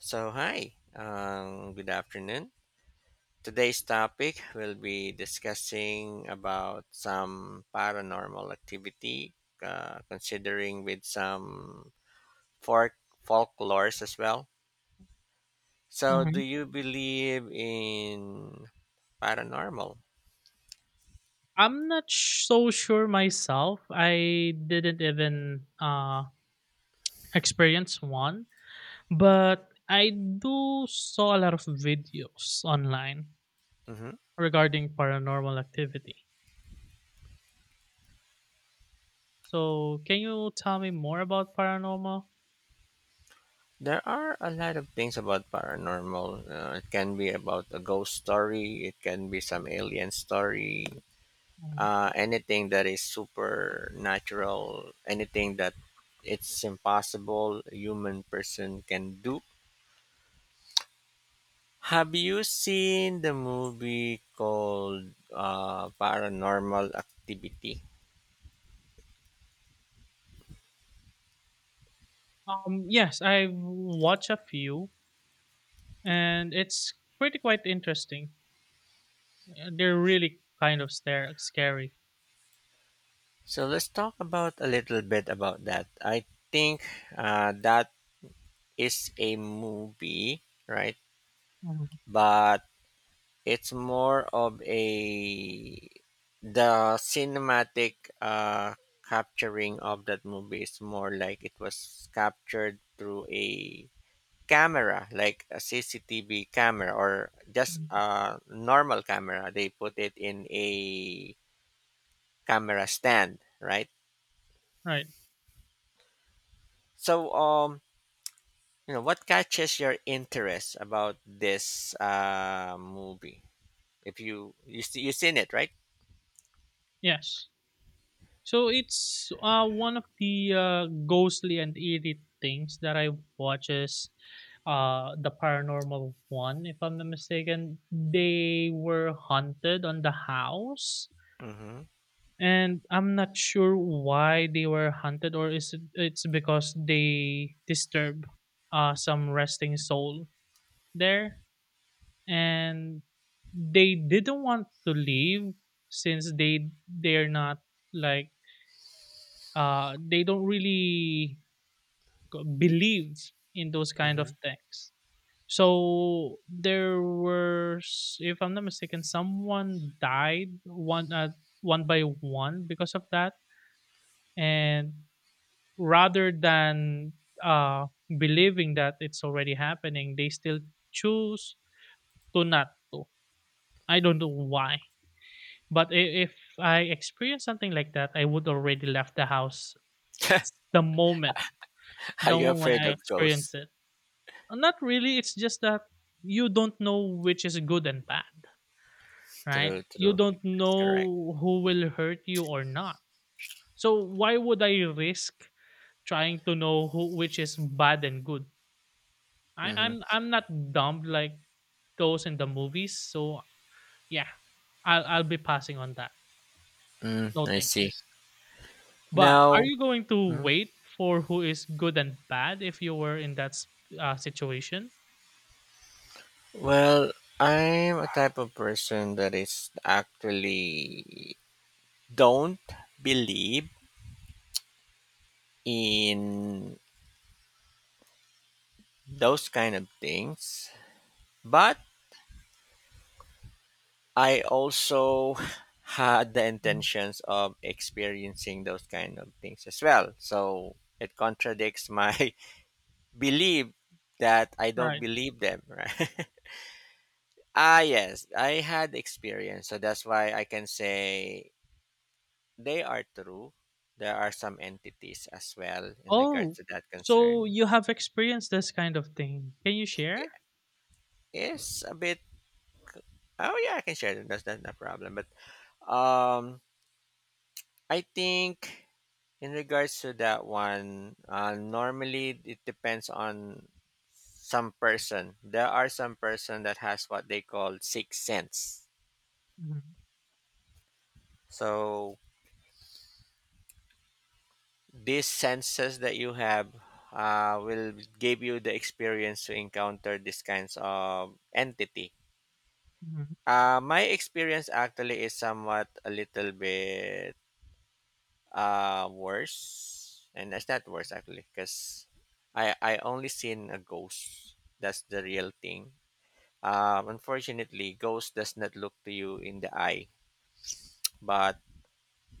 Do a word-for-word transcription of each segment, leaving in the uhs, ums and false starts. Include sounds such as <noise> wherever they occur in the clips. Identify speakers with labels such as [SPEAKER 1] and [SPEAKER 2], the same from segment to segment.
[SPEAKER 1] So, hi, um, good afternoon. Today's topic will be discussing about some paranormal activity, uh, considering with some folk folklores as well. So, do
[SPEAKER 2] Mhm.
[SPEAKER 1] you believe in paranormal?
[SPEAKER 2] I'm not sh- so sure myself. I didn't even uh, experience one, but I do saw a lot of videos online
[SPEAKER 1] Hmm.
[SPEAKER 2] regarding paranormal activity. So, can you tell me more about paranormal?
[SPEAKER 1] There are a lot of things about paranormal. Uh, it can be about a ghost story. It can be some alien story.
[SPEAKER 2] Mhm.
[SPEAKER 1] Uh, anything that is supernatural, anything that it's impossible a human person can do. Have you seen the movie called uh, Paranormal Activity?
[SPEAKER 2] Um, yes, I watch a few, and it's pretty quite interesting. Uh, They're really kind of stare- scary.
[SPEAKER 1] So let's talk about a little bit about that. I think uh, that is a movie, right?
[SPEAKER 2] Mhm.
[SPEAKER 1] But it's more of a the cinematic uh, capturing of that movie is more like it was captured through a camera, like a C C T V camera or just
[SPEAKER 2] Mhm.
[SPEAKER 1] a normal camera. They put it in a camera stand, right?
[SPEAKER 2] Right.
[SPEAKER 1] So, um, you know, what catches your interest about this uh, movie? If you you see you seen it, right?
[SPEAKER 2] Yes. So it's uh, one of the uh, ghostly and eerie things that I watches, is uh, the paranormal one, if I'm not mistaken. They were haunted on the house,
[SPEAKER 1] Mm-hmm.
[SPEAKER 2] and I'm not sure why they were haunted, or is it it's because they disturb uh, some resting soul there, and they didn't want to leave since they they're not like uh, they don't really g- believe in those kind
[SPEAKER 1] Mm-hmm.
[SPEAKER 2] of things. So there were, s- if I'm not mistaken, someone died one uh, one by one because of that, and rather than uh, believing that it's already happening, they still choose to not to. I don't know why, but i- if I experience something like that, I would already left the house
[SPEAKER 1] <laughs>
[SPEAKER 2] the moment
[SPEAKER 1] <laughs> Are
[SPEAKER 2] the
[SPEAKER 1] you
[SPEAKER 2] moment
[SPEAKER 1] afraid
[SPEAKER 2] I
[SPEAKER 1] of
[SPEAKER 2] experienced
[SPEAKER 1] ghosts?
[SPEAKER 2] it. Uh, Not really. It's just that you don't know which is good and bad, right?
[SPEAKER 1] True,
[SPEAKER 2] You
[SPEAKER 1] true.
[SPEAKER 2] don't
[SPEAKER 1] That's correct.
[SPEAKER 2] know who will hurt you or not. So why would I risk trying to know who which is bad and good? I,
[SPEAKER 1] Mm-hmm.
[SPEAKER 2] I'm I'm not dumb like those in the movies. So yeah, I'll I'll be passing on that.
[SPEAKER 1] Mm,
[SPEAKER 2] No
[SPEAKER 1] I see.
[SPEAKER 2] thanks. But are
[SPEAKER 1] Now,
[SPEAKER 2] you going to
[SPEAKER 1] mhm.
[SPEAKER 2] wait for who is good and bad if you were in that s- uh, situation?
[SPEAKER 1] Well, I'm a type of person that is actually don't believe in those kind of things, but I also <laughs> had the
[SPEAKER 2] Mhm.
[SPEAKER 1] intentions of experiencing those kind of things as well. So it contradicts my <laughs> belief that I don't
[SPEAKER 2] Right.
[SPEAKER 1] believe them, right? <laughs> Ah, yes, I had experience, so that's why I can say they are true. There are some entities as well in regards
[SPEAKER 2] Oh,
[SPEAKER 1] to that
[SPEAKER 2] so
[SPEAKER 1] concern.
[SPEAKER 2] you have experienced this kind of thing. Can you share?
[SPEAKER 1] It's a bit. Oh yeah, I can share them. That's not a problem. But um, I think in regards to that one, uh, normally it depends on some person. There are some person that has what they call sixth sense.
[SPEAKER 2] Mm-hmm.
[SPEAKER 1] So these senses that you have uh, will give you the experience to encounter these kinds of entity.
[SPEAKER 2] Hmm.
[SPEAKER 1] Uh, my experience actually is somewhat a little bit uh, worse, and that's not worse actually, because I I only seen a ghost. That's the real thing. Um, unfortunately, ghost does not look to you in the eye, but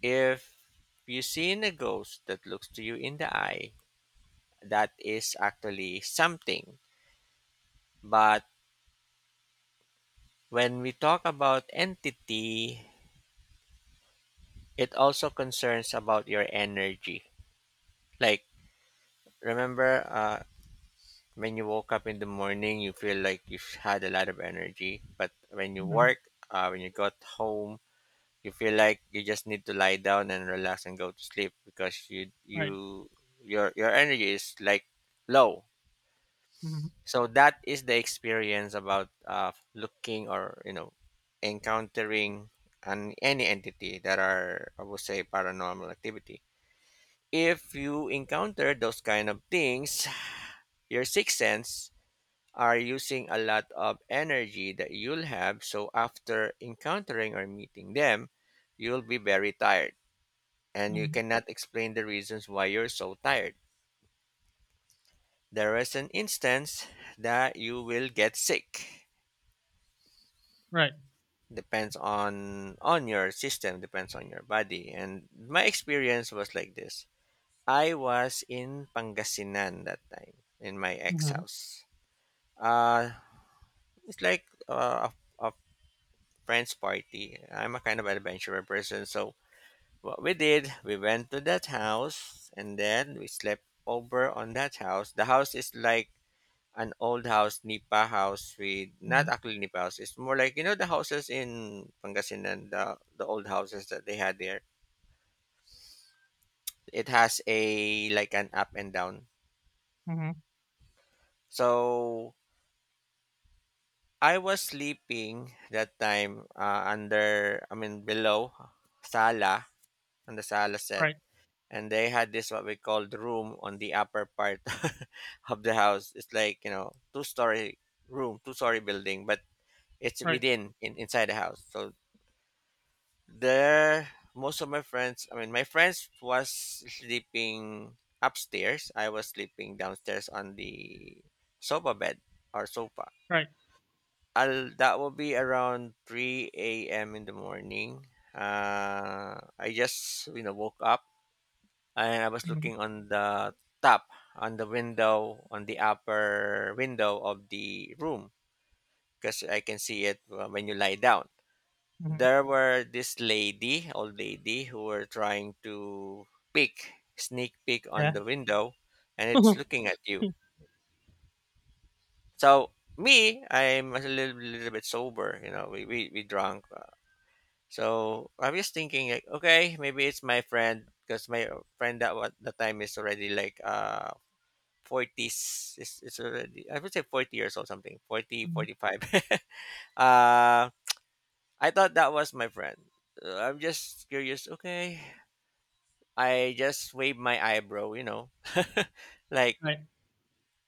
[SPEAKER 1] if you seen a ghost that looks to you in the eye, that is actually something. But when we talk about entity, it also concerns about your energy. Like remember uh, when you woke up in the morning, you feel like you've had a lot of energy, but when you
[SPEAKER 2] Hmm.
[SPEAKER 1] work, uh, when you got home, you feel like you just need to lie down and relax and go to sleep because you
[SPEAKER 2] Right.
[SPEAKER 1] you your your energy is like low.
[SPEAKER 2] Hmm.
[SPEAKER 1] So that is the experience about uh, looking or you know encountering an, any entity that are, I would say, paranormal activity. If you encounter those kind of things, your sixth sense are using a lot of energy that you'll have, so after encountering or meeting them, you'll be very tired, and you
[SPEAKER 2] Hmm.
[SPEAKER 1] cannot explain the reasons why you're so tired. There is an instance that you will get sick,
[SPEAKER 2] Right.
[SPEAKER 1] depends on on your system, depends on your body. And my experience was like this. I was in Pangasinan that time, in my ex
[SPEAKER 2] Hmm.
[SPEAKER 1] house. uh it's like, uh, a, a friend's party. I'm a kind of adventurer person, so what we did, we went to that house and then we slept over on that house. The house is like an old house, Nipa house. With, not
[SPEAKER 2] Hmm.
[SPEAKER 1] actually Nipa house, it's more like, you know, the houses in Pangasinan, the the old houses that they had there. It has a like an up and down.
[SPEAKER 2] Hmm.
[SPEAKER 1] So I was sleeping that time, uh, under, I mean below, sala, on the sala set.
[SPEAKER 2] Right.
[SPEAKER 1] And they had this what we called room on the upper part <laughs> of the house. It's like, you know, two story room, two story building, but it's
[SPEAKER 2] Right.
[SPEAKER 1] within, in, inside the house. So there, most of my friends, I mean, my friends was sleeping upstairs. I was sleeping downstairs on the sofa bed or sofa.
[SPEAKER 2] Right.
[SPEAKER 1] I'll, that will be around three a m in the morning. Uh, I just, you know, woke up, and I was
[SPEAKER 2] Hmm.
[SPEAKER 1] looking on the top, on the window, on the upper window of the room, because I can see it uh, when you lie down.
[SPEAKER 2] Hmm.
[SPEAKER 1] There were this lady, old lady, who were trying to peek, sneak peek on
[SPEAKER 2] Yeah.
[SPEAKER 1] the window, and
[SPEAKER 2] <laughs>
[SPEAKER 1] it's
[SPEAKER 2] Mm-hmm.
[SPEAKER 1] looking at you. So me, I'm a little, little bit sober. You know, we we, we drunk. uh, So I'm just thinking, like, okay, maybe it's my friend, because my friend, that what the time is already like, uh forties, is, is already, I would say, forty years old, something forty, forty five. <laughs> uh I thought that was my friend. Uh, I'm just curious. Okay, I just wave my eyebrow, you know, <laughs> like
[SPEAKER 2] Right.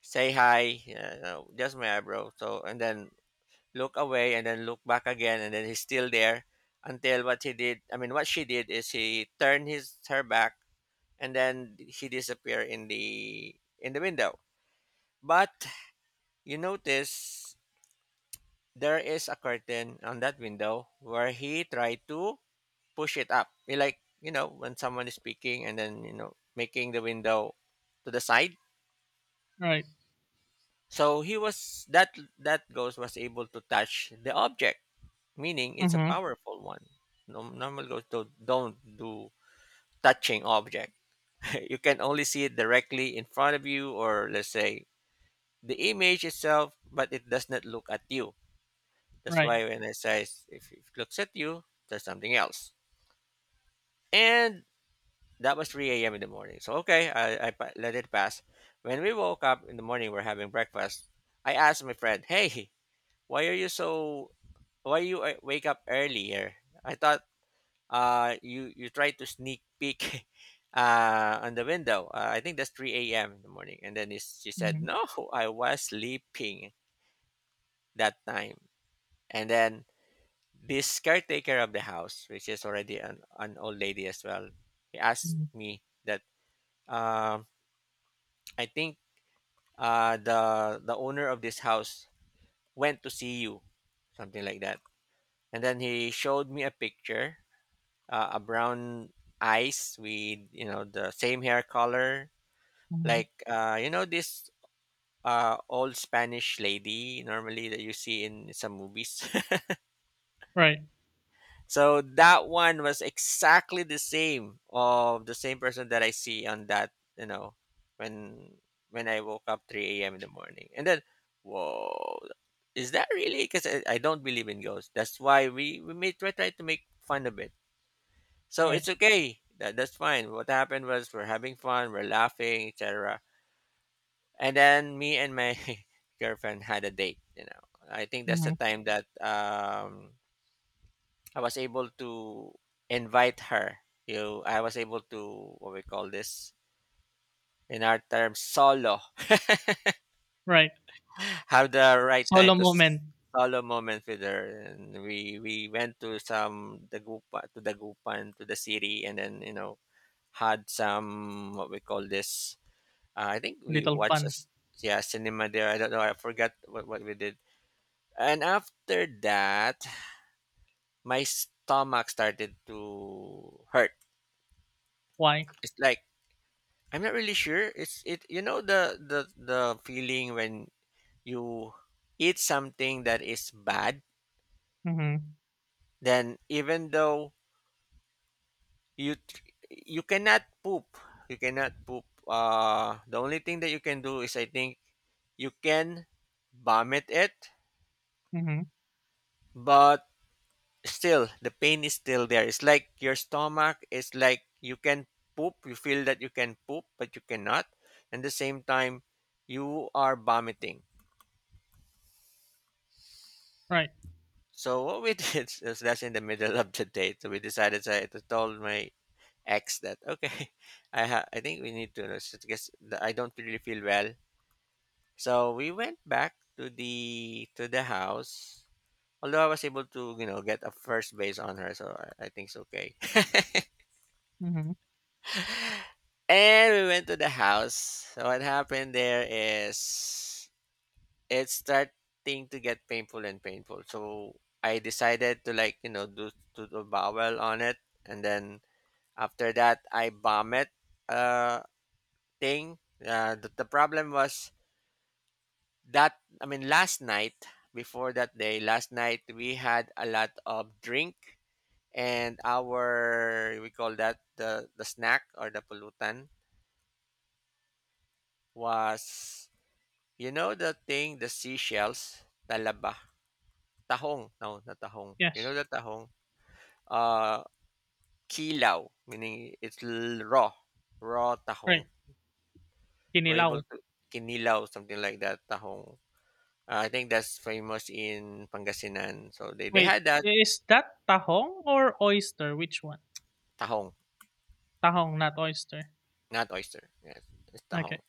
[SPEAKER 1] say hi, yeah, you know, just my eyebrow. So and then look away and then look back again, and then he's still there, until what he did. I mean, what she did is, he turned his her back and then he disappeared in the in the window. But you notice there is a curtain on that window where he tried to push it up. He, like, you know, when someone is speaking and then, you know, making the window to the side.
[SPEAKER 2] Right.
[SPEAKER 1] So he was that that ghost was able to touch the object, meaning it's a
[SPEAKER 2] Hmm.
[SPEAKER 1] powerful one. No, normal ghosts don't, don't do touching object. <laughs> You can only see it directly in front of you, or let's say the image itself, but it does not look at you. That's
[SPEAKER 2] Right.
[SPEAKER 1] why when I say s- if it looks at you, there's something else. And that was three a m in the morning. So okay, I, I pa- let it pass. When we woke up in the morning, we're having breakfast. I asked my friend, "Hey, why are you so why you uh, wake up earlier? I thought uh you you tried to sneak peek <laughs> uh on the window. Uh, I think that's three a m in the morning." And then, it's, she said,
[SPEAKER 2] Hmm.
[SPEAKER 1] "No, I was sleeping that time." And then this caretaker of the house, which is already, an, an old lady as well, he asked
[SPEAKER 2] Hmm.
[SPEAKER 1] me that, um I think uh the the owner of this house went to see you, something like that. And then he showed me a picture, uh, a brown eyes with, you know, the same hair color,
[SPEAKER 2] Hmm.
[SPEAKER 1] like, uh, you know this uh, old Spanish lady normally that you see in some movies.
[SPEAKER 2] Right.
[SPEAKER 1] <laughs> So that one was exactly the same of the same person that I see on that, you know, when when I woke up three a.m in the morning. And then, whoa, is that really? Because I, I don't believe in ghosts, that's why we we may try, try to make fun of it. So
[SPEAKER 2] Right.
[SPEAKER 1] it's okay. That, that's fine. What happened was, we're having fun, we're laughing, et cetera. And then me and my <laughs> girlfriend had a date. You know, I think that's the
[SPEAKER 2] Hmm.
[SPEAKER 1] time that, um, I was able to invite her. You, I was able to what we call this, in our terms, solo,
[SPEAKER 2] Right.
[SPEAKER 1] <laughs> have the right time
[SPEAKER 2] Solo
[SPEAKER 1] to
[SPEAKER 2] moment.
[SPEAKER 1] s- solo moment with her. And we we went to some the Gupa to the Gupan, to the city, and then, you know had some what we call this, Uh, I think we
[SPEAKER 2] Little
[SPEAKER 1] watched a
[SPEAKER 2] fun.
[SPEAKER 1] s- Yeah, cinema there. I don't know. I forgot what, what we did. And after that, my stomach started to hurt.
[SPEAKER 2] Why?
[SPEAKER 1] It's like, I'm not really sure. It's it. You know, the the the feeling when you eat something that is bad.
[SPEAKER 2] Hmm.
[SPEAKER 1] Then even though you tr- you cannot poop, you cannot poop. Uh, the only thing that you can do is, I think, you can vomit it,
[SPEAKER 2] Hmm.
[SPEAKER 1] but still the pain is still there. It's like your stomach is like, you can poop, you feel that you can poop, but you cannot, and the same time you are vomiting.
[SPEAKER 2] Right.
[SPEAKER 1] So what we <laughs> did is, that's in the middle of the day. So we decided, so I told my ex that, okay, <laughs> i ha- I think we need to rest because the- I don't really feel well. So we went back to the to the house, although I was able to, you know get a first base on her, so i, I think it's okay. <laughs>
[SPEAKER 2] Hmm.
[SPEAKER 1] And we went to the house. So what happened there is, it's starting to get painful and painful. So I decided to, like, you know, do to do bowel on it, and then after that I vomit uh thing. Uh, the, the problem was that, I mean, last night, before that day, last night we had a lot of drink, and our, we call that the the snack or the pollutant was, you know, the thing, the seashells, talaba, tahong, no, not tahong. You know
[SPEAKER 2] Yes.
[SPEAKER 1] the tahong? Uh, kilaw, meaning it's l- raw, raw
[SPEAKER 2] Right.
[SPEAKER 1] tahong. We're
[SPEAKER 2] Kinilaw.
[SPEAKER 1] able to kinilaw, something like that, tahong. Uh, I think that's famous in Pangasinan. So they, they
[SPEAKER 2] Wait,
[SPEAKER 1] had that
[SPEAKER 2] is that tahong or oyster? Which one?
[SPEAKER 1] tahong,
[SPEAKER 2] Tahong, not oyster.
[SPEAKER 1] not oyster. Yes, it's
[SPEAKER 2] Okay.
[SPEAKER 1] tahong.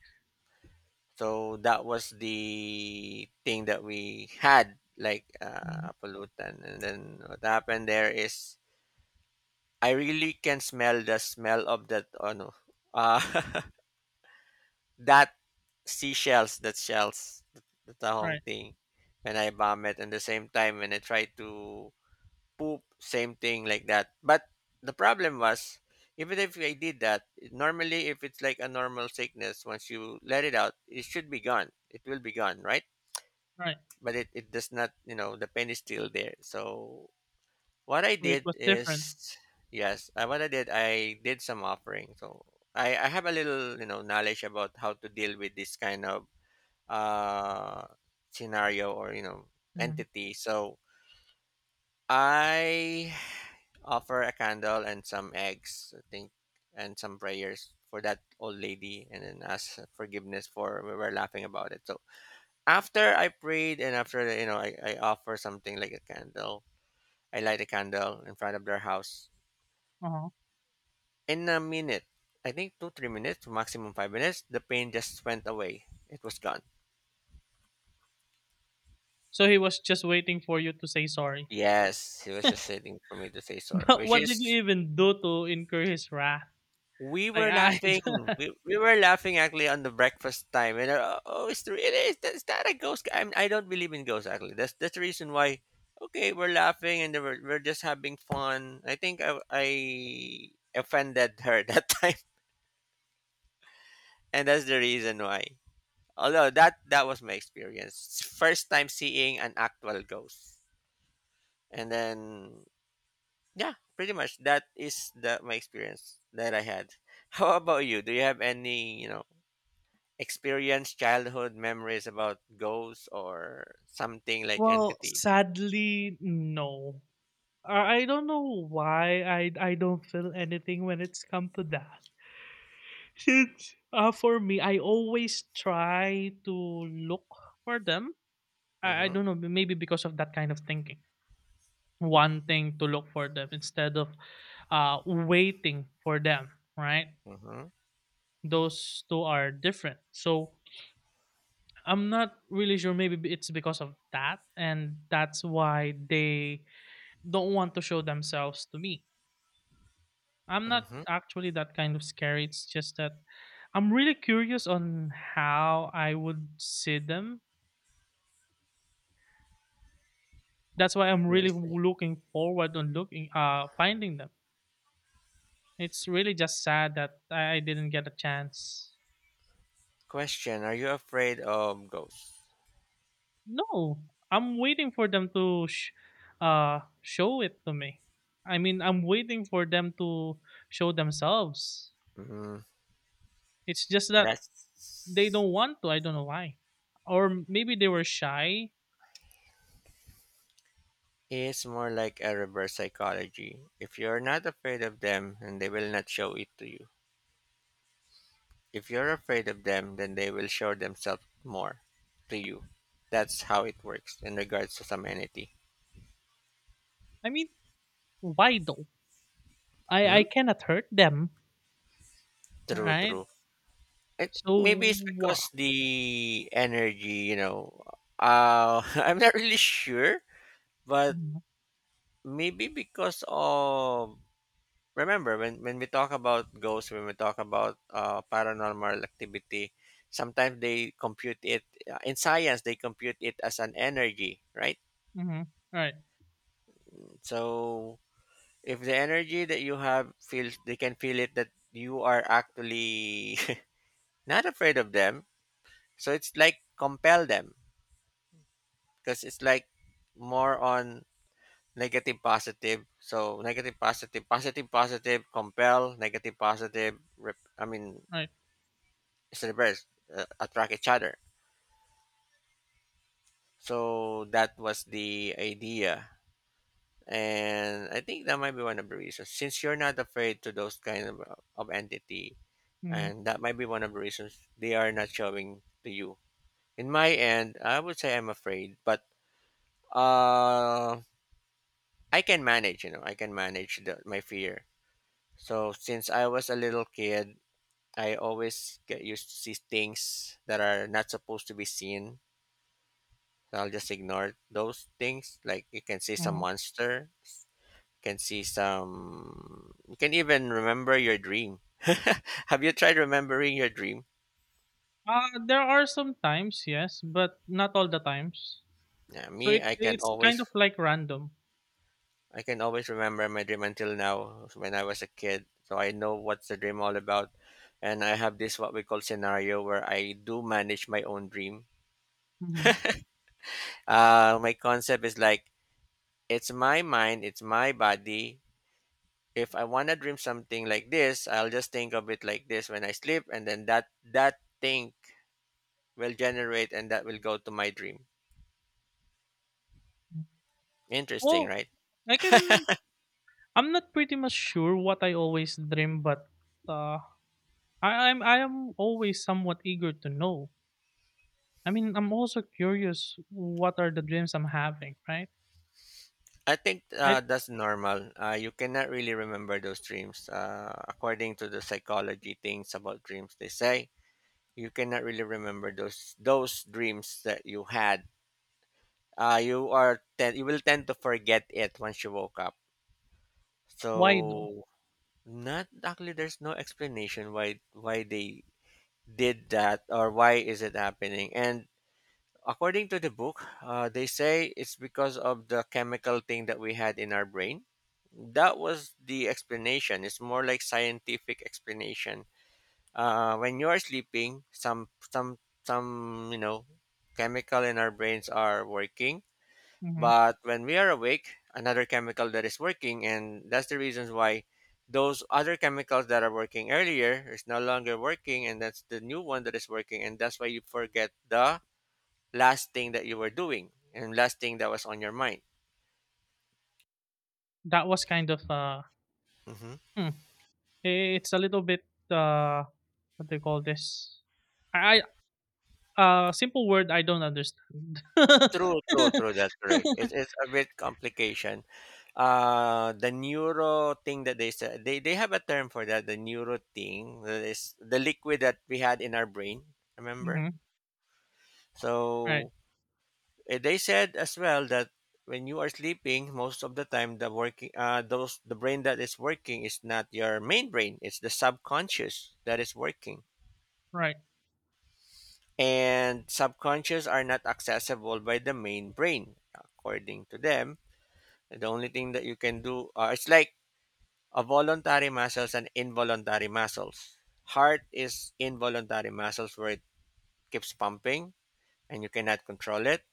[SPEAKER 1] So that was the thing that we had, like
[SPEAKER 2] Mhm.
[SPEAKER 1] uh, pulutan. And then what happened there is I really can smell the smell of that, oh no, ah, <laughs> that seashells, that shells, the tahong
[SPEAKER 2] Right,
[SPEAKER 1] thing when I vomit and the same time when I try to poop, same thing like that. But the problem was, even if I did that, normally if it's like a normal sickness, once you let it out, it should be gone. It will be gone, right?
[SPEAKER 2] right.
[SPEAKER 1] But it, it does not, you know, the pain is still there. So what I
[SPEAKER 2] So it
[SPEAKER 1] did
[SPEAKER 2] was
[SPEAKER 1] is,
[SPEAKER 2] different.
[SPEAKER 1] yes, uh, what I did, I did some offering. So I I have a little you know knowledge about how to deal with this kind of uh scenario or you know
[SPEAKER 2] Mhm.
[SPEAKER 1] entity. So I offer a candle and some eggs, I think, and some prayers for that old lady, and then ask forgiveness, for we were laughing about it. So after I prayed and after you know I, I offer something like a candle, I light a candle in front of their house.
[SPEAKER 2] Uh-huh.
[SPEAKER 1] In a minute, I think two, three minutes, maximum five minutes, the pain just went away. It was gone.
[SPEAKER 2] So he was just waiting for you to say sorry.
[SPEAKER 1] Yes, he was just waiting for me to say
[SPEAKER 2] <laughs>
[SPEAKER 1] sorry,
[SPEAKER 2] But
[SPEAKER 1] which
[SPEAKER 2] what did you
[SPEAKER 1] is,
[SPEAKER 2] even do to incur his wrath?
[SPEAKER 1] we
[SPEAKER 2] Like
[SPEAKER 1] were
[SPEAKER 2] I
[SPEAKER 1] laughing.
[SPEAKER 2] <laughs>
[SPEAKER 1] We, we were laughing actually on the breakfast time, and uh, oh, it's the, it is, that's not a ghost. I, I don't believe in ghosts actually. That's that's the reason why. Okay, we're laughing and then we're, we're just having fun. I think I, I offended her <laughs> that time, and that's the reason why. Although that that was my experience. First time seeing an actual ghost. And then, yeah, pretty much that is the my experience that I had. <laughs> How about you? Do you have any, you know, experience, childhood memories about ghosts or something like
[SPEAKER 2] Well,
[SPEAKER 1] entity?
[SPEAKER 2] sadly, no. I I don't know why I I don't feel anything when it's come to that. <laughs> It's, uh, for me, I always try to look for them. I, I
[SPEAKER 1] Mhm.
[SPEAKER 2] don't know, maybe because of that kind of thinking. One thing to look for them instead of uh, waiting for them, right?
[SPEAKER 1] Mhm.
[SPEAKER 2] Those two are different. So I'm not really sure. Maybe b- it's because of that, and that's why they don't want to show themselves to me. I'm not
[SPEAKER 1] Mhm.
[SPEAKER 2] actually that kind of scary. It's just that I'm really curious on how I would see them. That's why I'm really
[SPEAKER 1] Let's see.
[SPEAKER 2] w- looking forward on looking uh finding them. It's really just sad that I I didn't get a chance.
[SPEAKER 1] Question, are you afraid of ghosts?
[SPEAKER 2] No, I'm waiting for them to sh- uh show it to me. I mean, I'm waiting for them to show themselves.
[SPEAKER 1] Mm,
[SPEAKER 2] It's just that they
[SPEAKER 1] that's
[SPEAKER 2] don't want to. I don't know why. Or maybe they were shy.
[SPEAKER 1] It's more like a reverse psychology. If you're not afraid of them, then they will not show it to you. If you're afraid of them, then they will show themselves more to you. That's how it works in regards to femininity.
[SPEAKER 2] I mean, why though? I
[SPEAKER 1] Hmm?
[SPEAKER 2] I cannot hurt them,
[SPEAKER 1] True,
[SPEAKER 2] right?
[SPEAKER 1] true. It, maybe
[SPEAKER 2] So
[SPEAKER 1] it's
[SPEAKER 2] what?
[SPEAKER 1] because the energy, you know, uh, <laughs> I'm not really sure, but
[SPEAKER 2] Mm-hmm.
[SPEAKER 1] maybe because of, remember when, when we talk about ghosts, when we talk about uh, paranormal activity, sometimes they compute it, uh, in science they compute it as an energy, right?
[SPEAKER 2] Mm-hmm. Right,
[SPEAKER 1] So if the energy that you have, feels, they can feel it that you are actually <laughs> not afraid of them, so it's like compel them, because it's like more on negative positive. So negative positive positive positive compel negative positive, rep, I mean,
[SPEAKER 2] right.
[SPEAKER 1] celebrities, uh, attract each other. So that was the idea. And I think that might be one of the reasons. Since you're not afraid to those kind of, of entity,
[SPEAKER 2] Mm-hmm.
[SPEAKER 1] and that might be one of the reasons they are not showing to you. In my end, I would say I'm afraid, but uh, I can manage. You know, I can manage the, my fear. So since I was a little kid, I always get used to see things that are not supposed to be seen. I'll just ignore those things. Like you can see some
[SPEAKER 2] Mm-hmm.
[SPEAKER 1] monster, you can see some. You can even remember your dream. <laughs> Have you tried remembering your dream?
[SPEAKER 2] Uh, there are some times, yes, but not all the times.
[SPEAKER 1] Yeah,
[SPEAKER 2] So
[SPEAKER 1] me,
[SPEAKER 2] it
[SPEAKER 1] I can
[SPEAKER 2] it's
[SPEAKER 1] always,
[SPEAKER 2] kind of like random.
[SPEAKER 1] I can always remember my dream until now. When I was a kid, so I know what's the dream all about, and I have this what we call scenario where I do manage my own dream.
[SPEAKER 2] Mm-hmm.
[SPEAKER 1] Uh, my concept is like, it's my mind, it's my body. If I wanna dream something like this, I'll just think of it like this when I sleep, and then that that think will generate and that will go to my dream.
[SPEAKER 2] Mm-hmm.
[SPEAKER 1] Interesting,
[SPEAKER 2] Well,
[SPEAKER 1] right?
[SPEAKER 2] I can I'm not pretty much sure what I always dream, but uh I, I'm I am always somewhat eager to know. I mean, I'm also curious what are the dreams I'm having, right?
[SPEAKER 1] I think
[SPEAKER 2] I
[SPEAKER 1] uh, that's normal. Uh, you cannot really remember those dreams. Uh, according to the psychology things about dreams, they say you cannot really remember those those dreams that you had. Uh, you are ten- you will tend to forget it once you woke up.
[SPEAKER 2] Why though?
[SPEAKER 1] So not actually, there's no explanation why why they did that or why is it happening. And according to the book, uh, they say it's because of the chemical thing that we had in our brain. That was the explanation. It's more like scientific explanation. Uh, when you're sleeping, some some some, you know, chemical in our brains are working,
[SPEAKER 2] Hmm.
[SPEAKER 1] but when we are awake, another chemical that is working. And that's the reasons why those other chemicals that are working earlier is no longer working, and that's the new one that is working, and that's why you forget the last thing that you were doing and last thing that was on your mind.
[SPEAKER 2] That was kind of uh
[SPEAKER 1] Hmm.
[SPEAKER 2] hmm, it's a little bit uh what do you call this? I I- uh simple word I don't understand. <laughs>
[SPEAKER 1] True, true, true. That's correct. It, it's a bit complication. Uh, the neuro thing that they said, they, they have a term for that. The neuro thing that is the liquid that we had in our brain. Remember?
[SPEAKER 2] Hmm. Right,
[SPEAKER 1] So, Eh, They said as well that when you are sleeping, most of the time the working, uh, those, the brain that is working is not your main brain; it's the subconscious that is working,
[SPEAKER 2] right.
[SPEAKER 1] and subconscious are not accessible by the main brain, according to them. The only thing that you can do, uh, it's like a voluntary muscles and involuntary muscles. Heart is involuntary muscles where it keeps pumping and you cannot control it.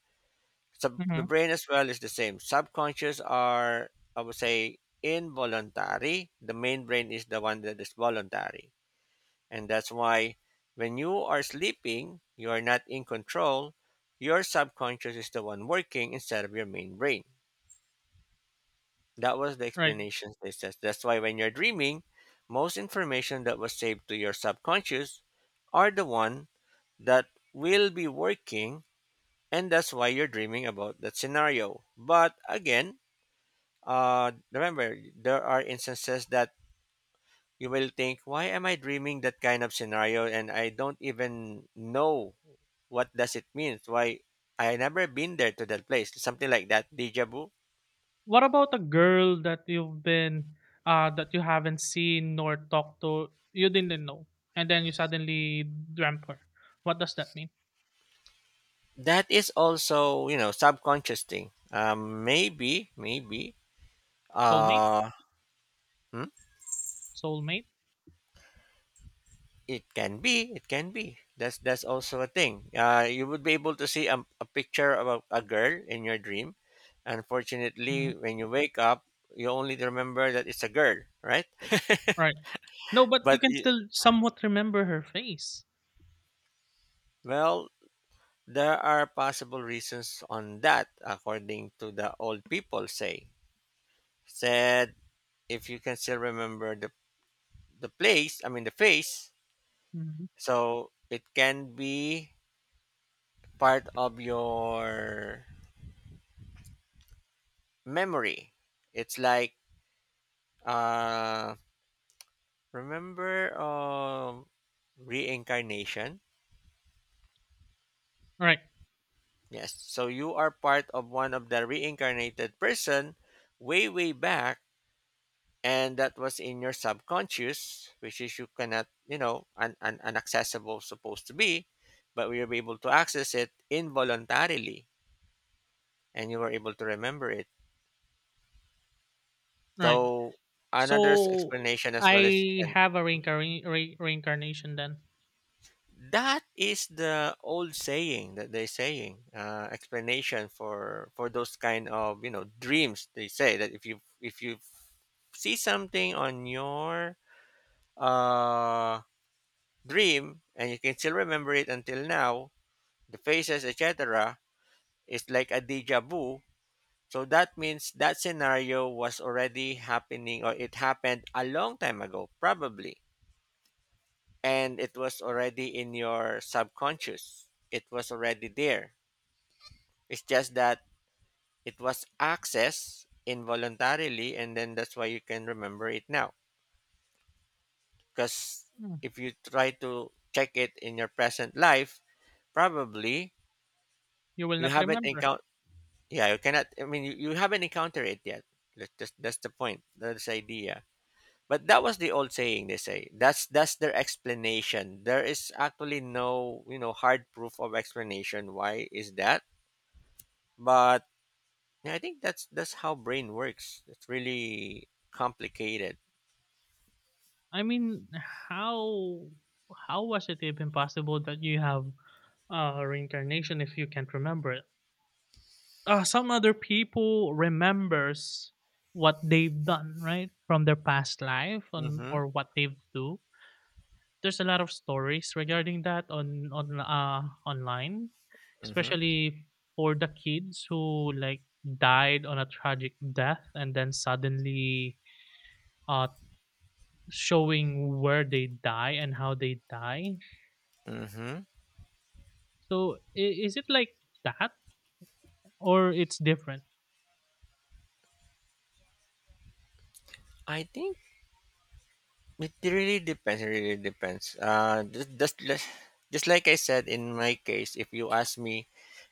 [SPEAKER 1] So the
[SPEAKER 2] Hmm.
[SPEAKER 1] brain as well is the same. Subconscious are, I would say, involuntary. The main brain is the one that is voluntary. And that's why when you are sleeping, you are not in control. Your subconscious is the one working instead of your main brain. That was the
[SPEAKER 2] Right.
[SPEAKER 1] explanation they said. That's why when you're dreaming, most information that was saved to your subconscious are the one that will be working and that's why you're dreaming about that scenario. But again, Uh, remember, there are instances that you will think, why am I dreaming that kind of scenario? And I don't even know what does it mean. Why I never been there to that place. Something like that, deja vu.
[SPEAKER 2] What about a girl that you've been uh, that you haven't seen nor talked to, you didn't know, and then you suddenly dreamt her? What does that mean?
[SPEAKER 1] That is also, you know, subconscious thing. Um, maybe, maybe.
[SPEAKER 2] Soulmate?
[SPEAKER 1] Uh, hmm?
[SPEAKER 2] Soulmate?
[SPEAKER 1] It can be. It can be. That's that's also a thing. Uh, you would be able to see a, a picture of a, a girl in your dream.
[SPEAKER 2] Mhm.
[SPEAKER 1] Unfortunately, when you wake up, you only remember that it's a girl, right? <laughs>
[SPEAKER 2] Right. No, but you
[SPEAKER 1] But
[SPEAKER 2] can
[SPEAKER 1] it,
[SPEAKER 2] still somewhat remember her face.
[SPEAKER 1] well, there are possible reasons on that, according to the old people say. Said, if you can still remember the the place, I mean the face,
[SPEAKER 2] Mhm.
[SPEAKER 1] so it can be part of your memory. It's like, Uh, remember, um, reincarnation?
[SPEAKER 2] Right,
[SPEAKER 1] Yes. So you are part of one of the reincarnated person way, way back, and that was in your subconscious, which is you cannot, you know, un- un- unaccessible supposed to be, but we were able to access it involuntarily, and you were able to remember it.
[SPEAKER 2] right.
[SPEAKER 1] So, another
[SPEAKER 2] So
[SPEAKER 1] explanation as well as it
[SPEAKER 2] I
[SPEAKER 1] can.
[SPEAKER 2] have a reincarn- re- reincarnation then.
[SPEAKER 1] That is the old saying that they saying, uh, explanation for for those kind of, you know, dreams. They say that if you if you see something on your uh, dream and you can still remember it until now, the faces et cetera is like a deja vu. So that means that scenario was already happening or it happened a long time ago, probably, and it was already in your subconscious. It was already there. It's just that it was accessed involuntarily, and then that's why you can remember it now. Because
[SPEAKER 2] Hmm.
[SPEAKER 1] if you try to check it in your present life, probably
[SPEAKER 2] You will
[SPEAKER 1] you
[SPEAKER 2] not
[SPEAKER 1] haven't
[SPEAKER 2] remember.
[SPEAKER 1] encountered. Yeah, you cannot. I mean, you, you haven't encountered it yet. That's, just, that's the point. That's the idea. But that was the old saying they say. That's that's their explanation. There is actually no you know hard proof of explanation why is that. But yeah, I think that's that's how brain works. It's really complicated.
[SPEAKER 2] I mean, how how was it even possible that you have uh, reincarnation if you can't remember it? Uh, some other people remembers what they've done, right, from their past life on
[SPEAKER 1] Mm-hmm.
[SPEAKER 2] or what they've do. There's a lot of stories regarding that on on uh, online,
[SPEAKER 1] Mm-hmm.
[SPEAKER 2] especially for the kids who like died on a tragic death and then suddenly uh showing where they die and how they die.
[SPEAKER 1] Mm-hmm.
[SPEAKER 2] So i- is it like that or it's different?
[SPEAKER 1] I think it really depends. It really depends. Uh, just, just just just like I said in my case, if you ask me,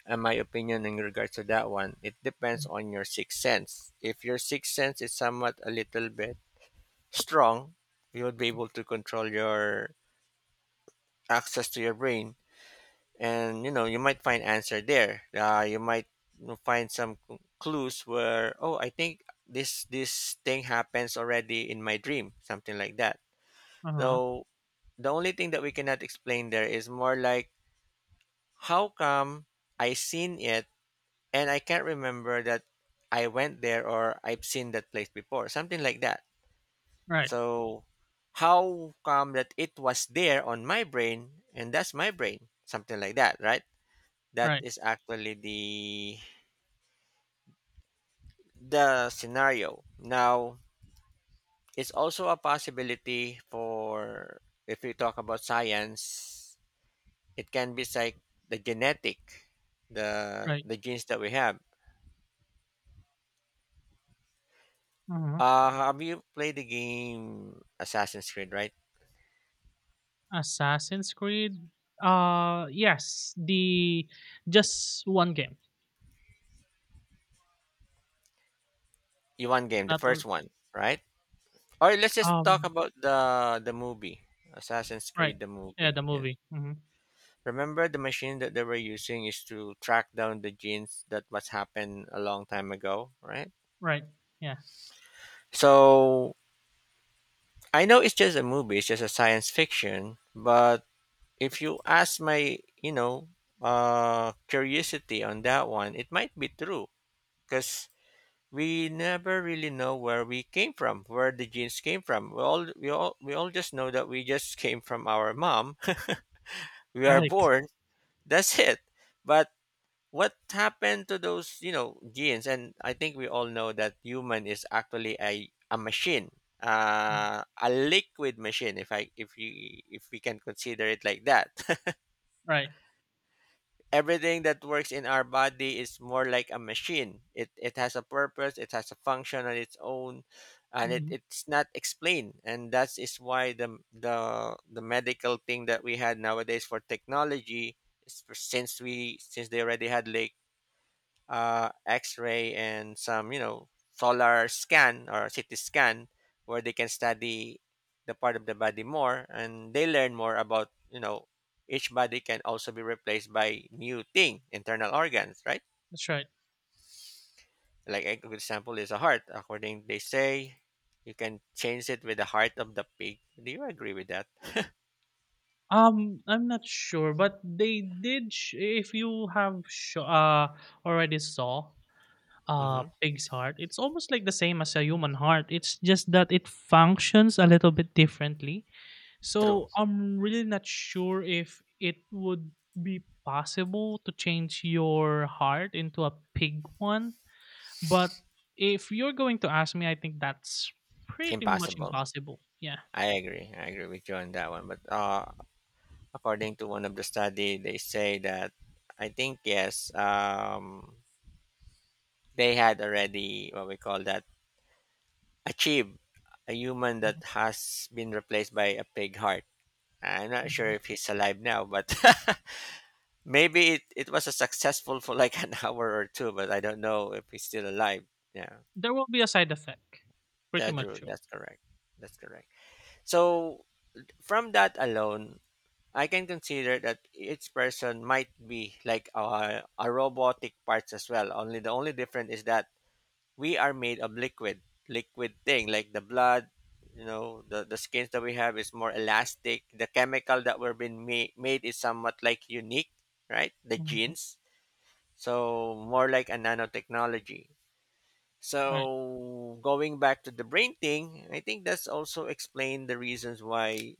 [SPEAKER 1] uh, my opinion in regards to that one, it depends on your sixth sense. If your sixth sense is somewhat a little bit strong, you would be able to control your access to your brain. and you know you might find answer there uh, you might you know, find some c- clues where, oh, I think this this thing happens already in my dream, something like that.
[SPEAKER 2] Uh-huh.
[SPEAKER 1] So the only thing that we cannot explain there is more like, how come I seen it and I can't remember that I went there, or I've seen that place before, something like that.
[SPEAKER 2] Right.
[SPEAKER 1] So how come that it was there on my brain, and that's my brain, something like that, right? That
[SPEAKER 2] Right.
[SPEAKER 1] is actually the the scenario now. It's also a possibility for, if we talk about science, it can be like the genetic, the
[SPEAKER 2] Right.
[SPEAKER 1] the genes that we have.
[SPEAKER 2] Uh-huh.
[SPEAKER 1] Uh have you played the game Assassin's Creed, right?
[SPEAKER 2] Assassin's Creed? Uh yes, the just one game.
[SPEAKER 1] You one game, the
[SPEAKER 2] Not all.
[SPEAKER 1] first one, right? Or let's just talk
[SPEAKER 2] Um
[SPEAKER 1] about the the movie. Assassin's
[SPEAKER 2] right.
[SPEAKER 1] Creed, the
[SPEAKER 2] Yeah,
[SPEAKER 1] movie,
[SPEAKER 2] the
[SPEAKER 1] yes.
[SPEAKER 2] movie. Mhm.
[SPEAKER 1] Remember, the machine that they were using is to track down the genes that must happen a long time ago, right?
[SPEAKER 2] Right. Yeah.
[SPEAKER 1] So I know it's just a movie, it's just a science fiction, but if you ask my, you know, uh, curiosity on that one, it might be true, because we never really know where we came from, where the genes came from. We all, we all, we all just know that we just <laughs> came from our mom. <laughs> We
[SPEAKER 2] <laughs>
[SPEAKER 1] are
[SPEAKER 2] Right.
[SPEAKER 1] born. That's it. But what happened to those you know genes? And I think we all know that human is actually a, a machine,
[SPEAKER 2] Mm.
[SPEAKER 1] uh, a liquid machine, if I if you if we can consider it like that. <laughs>
[SPEAKER 2] Right.
[SPEAKER 1] Everything that works in our body is more like a machine. It it has a purpose, it has a function on its own. And it,
[SPEAKER 2] Mhm.
[SPEAKER 1] it's not explained, and that is why the the the medical thing that we had nowadays for technology is, for- since we since they already had like uh, X-ray and some you know solar scan or C T scan, where they can study the part of the body more, and they learn more about you know each body can also be replaced by new thing, internal organs, right?
[SPEAKER 2] That's right.
[SPEAKER 1] Like, a good example is a heart. According, they say you can change it with the heart of the pig. Do you agree with that?
[SPEAKER 2] Um I'm not sure, but they did sh- if you have sh- uh already saw
[SPEAKER 1] Hmm.
[SPEAKER 2] uh pig's heart. It's almost like the same as a human heart. It's just that it functions a little bit differently,
[SPEAKER 1] True.
[SPEAKER 2] so I'm really not sure if it would be possible to change your heart into a pig one. But if you're going to ask me, I think that's pretty much
[SPEAKER 1] Impossible.
[SPEAKER 2] impossible. Yeah.
[SPEAKER 1] I agree i agree with you on that one, but uh according to one of the study, they say that, I think, yes, um, they had already what we call that, achieved a human that has been replaced by a pig heart. I'm not sure
[SPEAKER 2] Mhm.
[SPEAKER 1] if he's alive now, but <laughs> maybe it, it was a successful for like an <laughs> hour or two, but I don't know if he's still alive. Yeah.
[SPEAKER 2] There will be a side effect, pretty
[SPEAKER 1] That's
[SPEAKER 2] much
[SPEAKER 1] true.
[SPEAKER 2] sure.
[SPEAKER 1] That's correct. That's correct. So from that alone, I can consider that each person might be like a, a robotic parts as well. Only the only difference is that we are made of liquid, liquid thing like the blood. You know, the the skins that we have is more elastic. The chemical that we're being ma- made is somewhat like unique, right? The
[SPEAKER 2] Mhm.
[SPEAKER 1] genes, so more like a nanotechnology.
[SPEAKER 2] Right.
[SPEAKER 1] So going back to the brain thing, I think that's also explained the reasons why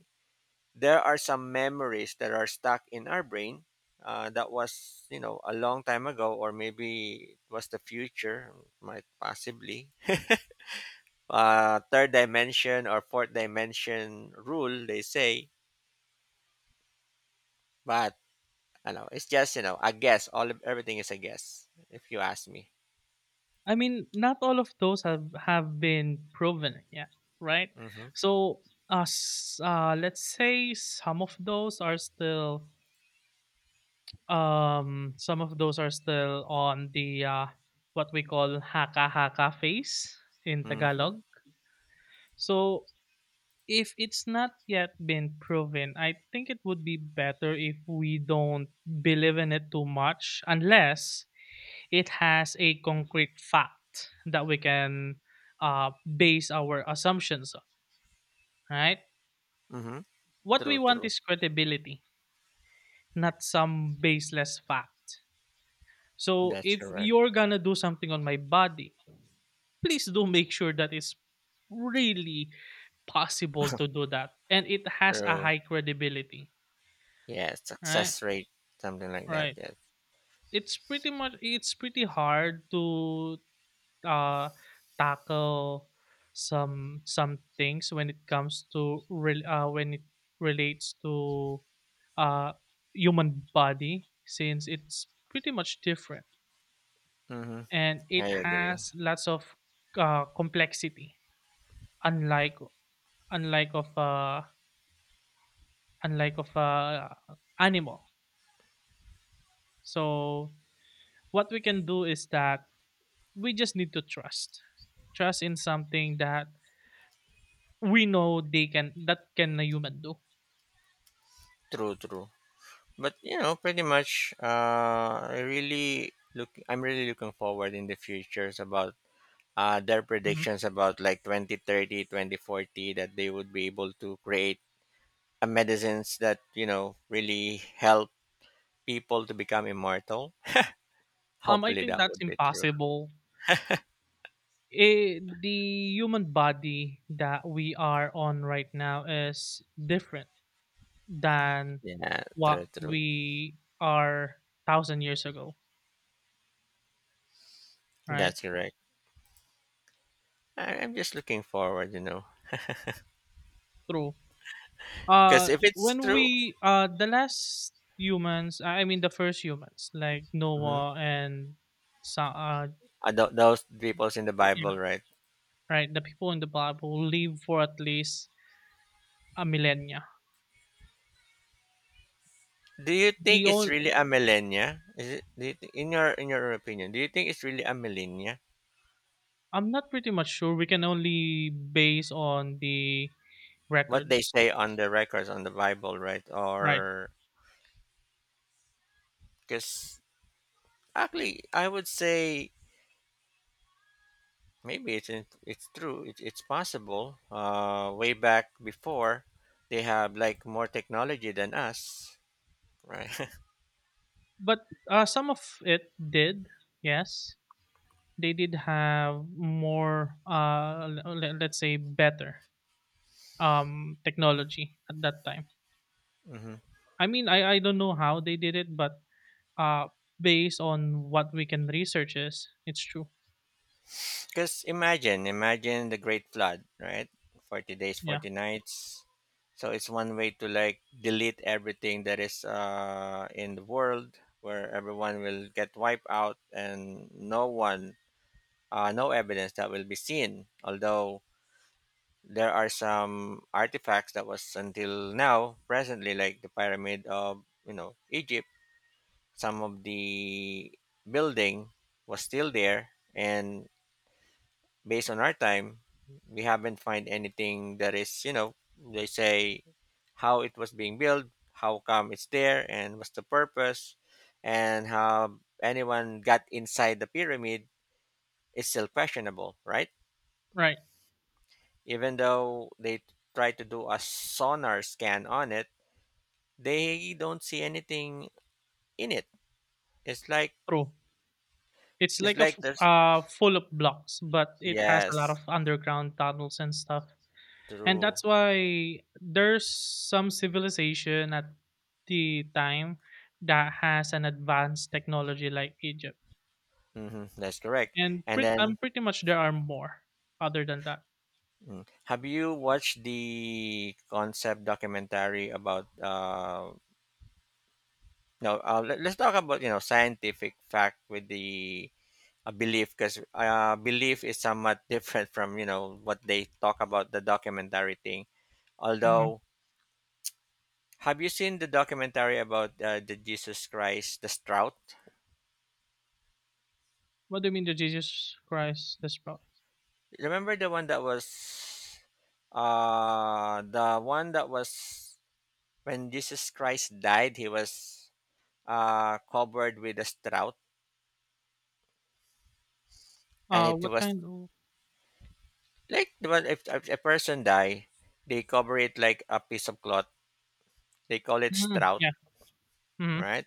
[SPEAKER 1] there are some memories that are stuck in our brain. Uh, that was, you know, a long time ago, or maybe it was the future, might possibly. Uh, third dimension or fourth dimension rule, they say, but I know it's just, you know, a guess. All of everything is a guess, if you ask me.
[SPEAKER 2] I mean, not all of those have have been proven yet, right?
[SPEAKER 1] Mm-hmm.
[SPEAKER 2] So, uh, s- uh let's say some of those are still um some of those are still on the uh what we call haka haka phase in
[SPEAKER 1] Mm-hmm.
[SPEAKER 2] Tagalog. So, if it's not yet been proven, I think it would be better if we don't believe in it too much unless it has a concrete fact that we can uh, base our assumptions on, right?
[SPEAKER 1] Mm-hmm.
[SPEAKER 2] What we
[SPEAKER 1] True,
[SPEAKER 2] want
[SPEAKER 1] true.
[SPEAKER 2] is credibility, not some baseless fact. So
[SPEAKER 1] That's
[SPEAKER 2] if
[SPEAKER 1] correct.
[SPEAKER 2] you're gonna do something on my body, please do make sure that it's really possible to do that and it has a
[SPEAKER 1] True.
[SPEAKER 2] high credibility,
[SPEAKER 1] Yeah,
[SPEAKER 2] right?
[SPEAKER 1] success rate, something like that.
[SPEAKER 2] Right.
[SPEAKER 1] Yes.
[SPEAKER 2] It's pretty much it's pretty hard to uh, tackle some some things when it comes to rel- uh, when it relates to uh, human body, since it's pretty much different
[SPEAKER 1] Mm-hmm.
[SPEAKER 2] and it
[SPEAKER 1] I agree.
[SPEAKER 2] has lots of uh, complexity, unlike unlike of uh, unlike of uh, animal. So what we can do is that we just need to trust trust in something that we know they can, that can a human do.
[SPEAKER 1] True, true. But you know pretty much, uh i really look I'm really looking forward in the futures about uh their predictions about like twenty thirty, twenty forty, that they would be able to create uh, medicines that you know really help people to become immortal.
[SPEAKER 2] Um, I
[SPEAKER 1] Hopefully
[SPEAKER 2] think
[SPEAKER 1] that
[SPEAKER 2] that's
[SPEAKER 1] would be true.
[SPEAKER 2] impossible. Eh, the human body that we are on right now is different than
[SPEAKER 1] Yeah, true,
[SPEAKER 2] what
[SPEAKER 1] true.
[SPEAKER 2] we are thousand years ago, right?
[SPEAKER 1] That's correct. I, i'm just looking forward you know
[SPEAKER 2] True.
[SPEAKER 1] Because
[SPEAKER 2] Uh,
[SPEAKER 1] if it's
[SPEAKER 2] when
[SPEAKER 1] true.
[SPEAKER 2] we uh the last humans, I mean the first humans like
[SPEAKER 1] Mhm.
[SPEAKER 2] Noah and so uh
[SPEAKER 1] Uh, those people in the
[SPEAKER 2] yeah,
[SPEAKER 1] Bible, right?
[SPEAKER 2] right, the people in the Bible live for at least a millennia.
[SPEAKER 1] Do you think
[SPEAKER 2] The
[SPEAKER 1] it's
[SPEAKER 2] on
[SPEAKER 1] really a millennia? Is it do you thi- in your in your opinion, do you think it's really a millennia?
[SPEAKER 2] I'm not pretty much sure. We can only base on the
[SPEAKER 1] What they
[SPEAKER 2] records,
[SPEAKER 1] say on the records on the Bible, right?
[SPEAKER 2] right?
[SPEAKER 1] Or, because actually, I would say, maybe it's in, it's true. It, it's possible. Uh, way back before, they have like more technology than us, right? <laughs>
[SPEAKER 2] But uh, some of it did. Yes, they did have more. Uh, l- le- let's say better um technology at that time.
[SPEAKER 1] Hmm.
[SPEAKER 2] I mean, I I don't know how they did it, but uh, based on what we can research, is it's true.
[SPEAKER 1] Because imagine, imagine the Great Flood, right? forty days,
[SPEAKER 2] Yeah,
[SPEAKER 1] forty nights. So it's one way to like delete everything that is uh, in the world, where everyone will get wiped out, and no one, uh, no evidence that will be seen. Although, there are some artifacts that was until now, presently, like the pyramid of, you know, Egypt. Some of the building was still there, and based on our time, we haven't find anything that is, you know, they say how it was being built, how come it's there, and what's the purpose, and how anyone got inside the pyramid is still questionable, right?
[SPEAKER 2] right.
[SPEAKER 1] Even though they try to do a sonar scan on it, they don't see anything in it. It's like
[SPEAKER 2] True. It's
[SPEAKER 1] it's
[SPEAKER 2] like a
[SPEAKER 1] like
[SPEAKER 2] f-
[SPEAKER 1] there's,
[SPEAKER 2] uh full of blocks, but it has a lot of
[SPEAKER 1] yes,
[SPEAKER 2] underground tunnels and stuff. And
[SPEAKER 1] true.
[SPEAKER 2] that's why there's some civilization at the time that has an advanced technology like Egypt,
[SPEAKER 1] Hmm, that's correct.
[SPEAKER 2] and
[SPEAKER 1] And
[SPEAKER 2] pretty, I'm
[SPEAKER 1] then.
[SPEAKER 2] pretty much there are more other than that.
[SPEAKER 1] Mm. Have you watched the concept documentary about, uh no, uh, let, us talk about you know scientific fact with the a belief, because uh, belief is somewhat <laughs> different from you know what they talk about the documentary thing.
[SPEAKER 2] Mhm.
[SPEAKER 1] Although, have you seen the documentary about uh, the Jesus Christ, the Strout?
[SPEAKER 2] What do you mean the Jesus Christ is pro—
[SPEAKER 1] Remember the one that was uh the one that was when Jesus Christ died, he was uh, covered with a strout, and
[SPEAKER 2] Uh,
[SPEAKER 1] it
[SPEAKER 2] what
[SPEAKER 1] was
[SPEAKER 2] kind of?
[SPEAKER 1] like the one, if, if a person die, they cover it like a piece of cloth. They call it
[SPEAKER 2] Mm,
[SPEAKER 1] strout,
[SPEAKER 2] yeah. Mm-hmm.
[SPEAKER 1] right?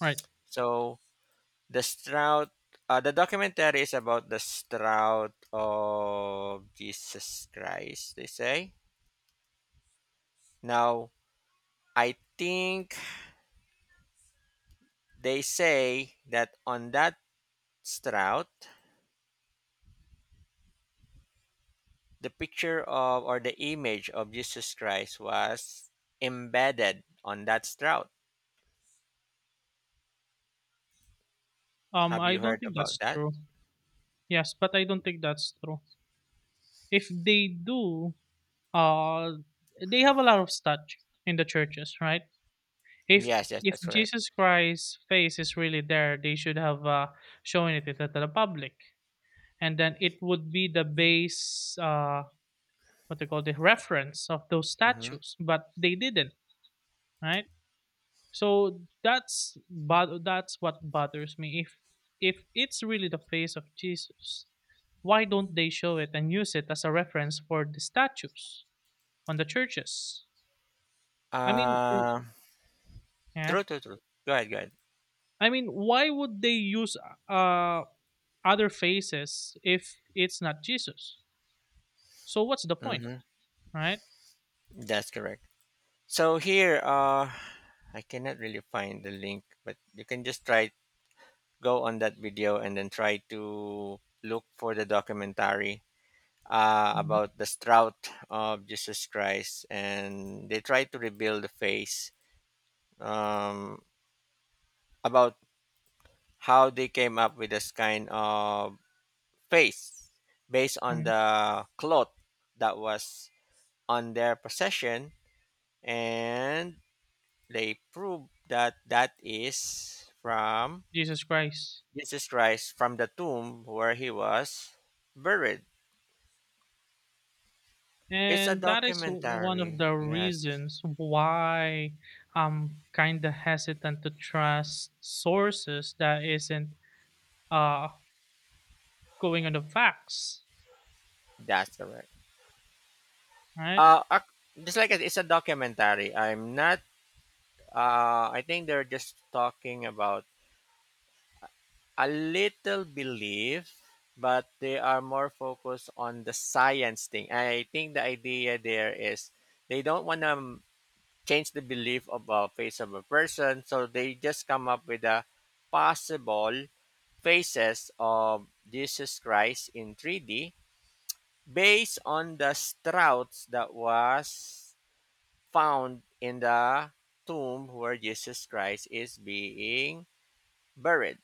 [SPEAKER 2] Right.
[SPEAKER 1] So the strout, uh, the documentary is about the strout of Jesus Christ. They say now. I think they say that on that strout, the picture of, or the image of Jesus Christ was embedded on that strout.
[SPEAKER 2] Um,
[SPEAKER 1] Have
[SPEAKER 2] I
[SPEAKER 1] you
[SPEAKER 2] don't
[SPEAKER 1] heard
[SPEAKER 2] think
[SPEAKER 1] about
[SPEAKER 2] that's
[SPEAKER 1] that?
[SPEAKER 2] true. Yes, but I don't think that's true. If they do, uh, they have a lot of statue in the churches, right? If
[SPEAKER 1] Yes, yes,
[SPEAKER 2] if
[SPEAKER 1] that's correct.
[SPEAKER 2] Jesus Christ's face is really there, they should have uh, shown it to the public, and then it would be the base, uh, what they call the reference of those
[SPEAKER 1] Mm-hmm.
[SPEAKER 2] statues. But they didn't, right? So that's but that's what bothers me. If if it's really the face of Jesus, why don't they show it and use it as a reference for the statues on the churches? I mean, w-
[SPEAKER 1] Uh,
[SPEAKER 2] yeah.
[SPEAKER 1] True, true, true. Go ahead, go ahead.
[SPEAKER 2] I mean, why would they use uh other faces if it's not Jesus. So what's the point,
[SPEAKER 1] Mm-hmm.
[SPEAKER 2] right?
[SPEAKER 1] That's correct. So here, uh, I cannot really find the link, but you can just try, go on that video and then try to look for the documentary uh,
[SPEAKER 2] Mhm.
[SPEAKER 1] about the strout of Jesus Christ, and they try to reveal the face, um, about how they came up with this kind of face based on
[SPEAKER 2] Mhm.
[SPEAKER 1] the cloth that was on their possession, and they prove that that is from
[SPEAKER 2] Jesus Christ.
[SPEAKER 1] Jesus Christ, from the tomb where he was buried. It's a
[SPEAKER 2] And that is one of
[SPEAKER 1] documentary.
[SPEAKER 2] the
[SPEAKER 1] Yes,
[SPEAKER 2] reasons why I'm kind of hesitant to trust sources that isn't uh going on the facts,
[SPEAKER 1] that's correct.
[SPEAKER 2] right?
[SPEAKER 1] Uh, ac- just like it- it's a documentary. I'm not. Uh, I think they're just talking about a little belief, but they are more focused on the science thing. I think the idea there is, they don't want to change the belief of a face of a person, so they just come up with a possible faces of Jesus Christ in three D based on the Strouts that was found in the tomb where Jesus Christ is being buried.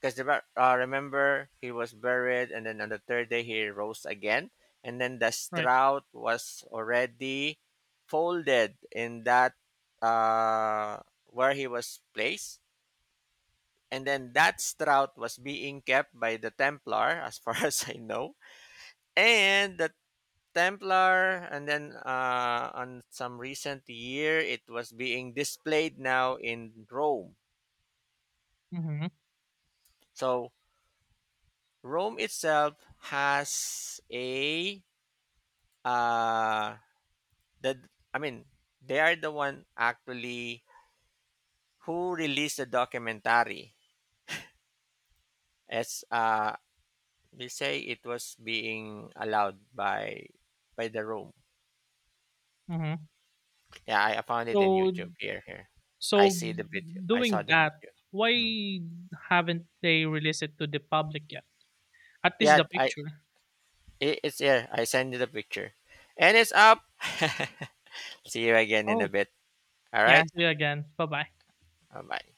[SPEAKER 1] Because uh, remember, he was buried, and then on the third day he rose again, and then the
[SPEAKER 2] Right.
[SPEAKER 1] shroud was already folded in that, uh, where he was placed, and then that shroud was being kept by the Templar, as far <laughs> as I know, and the Templar, and then uh, on some recent year, it was being displayed now in Rome.
[SPEAKER 2] Hmm.
[SPEAKER 1] So Rome itself has a uh that, I mean, they are the one actually who released the documentary, as uh they say it was being allowed by by the room.
[SPEAKER 2] Hmm.
[SPEAKER 1] Yeah, i I found it in
[SPEAKER 2] So
[SPEAKER 1] YouTube. Here, here. i
[SPEAKER 2] so
[SPEAKER 1] see the video i saw
[SPEAKER 2] doing
[SPEAKER 1] the
[SPEAKER 2] that,
[SPEAKER 1] video.
[SPEAKER 2] why
[SPEAKER 1] Mm.
[SPEAKER 2] haven't they released it to the public yet? At least
[SPEAKER 1] Yeah,
[SPEAKER 2] the
[SPEAKER 1] i
[SPEAKER 2] picture.
[SPEAKER 1] it, it's here, I send you the picture, and it's up. <laughs> See you again in a
[SPEAKER 2] Oh,
[SPEAKER 1] bit. All
[SPEAKER 2] yeah.
[SPEAKER 1] right.
[SPEAKER 2] See you again. Bye bye.
[SPEAKER 1] Bye bye.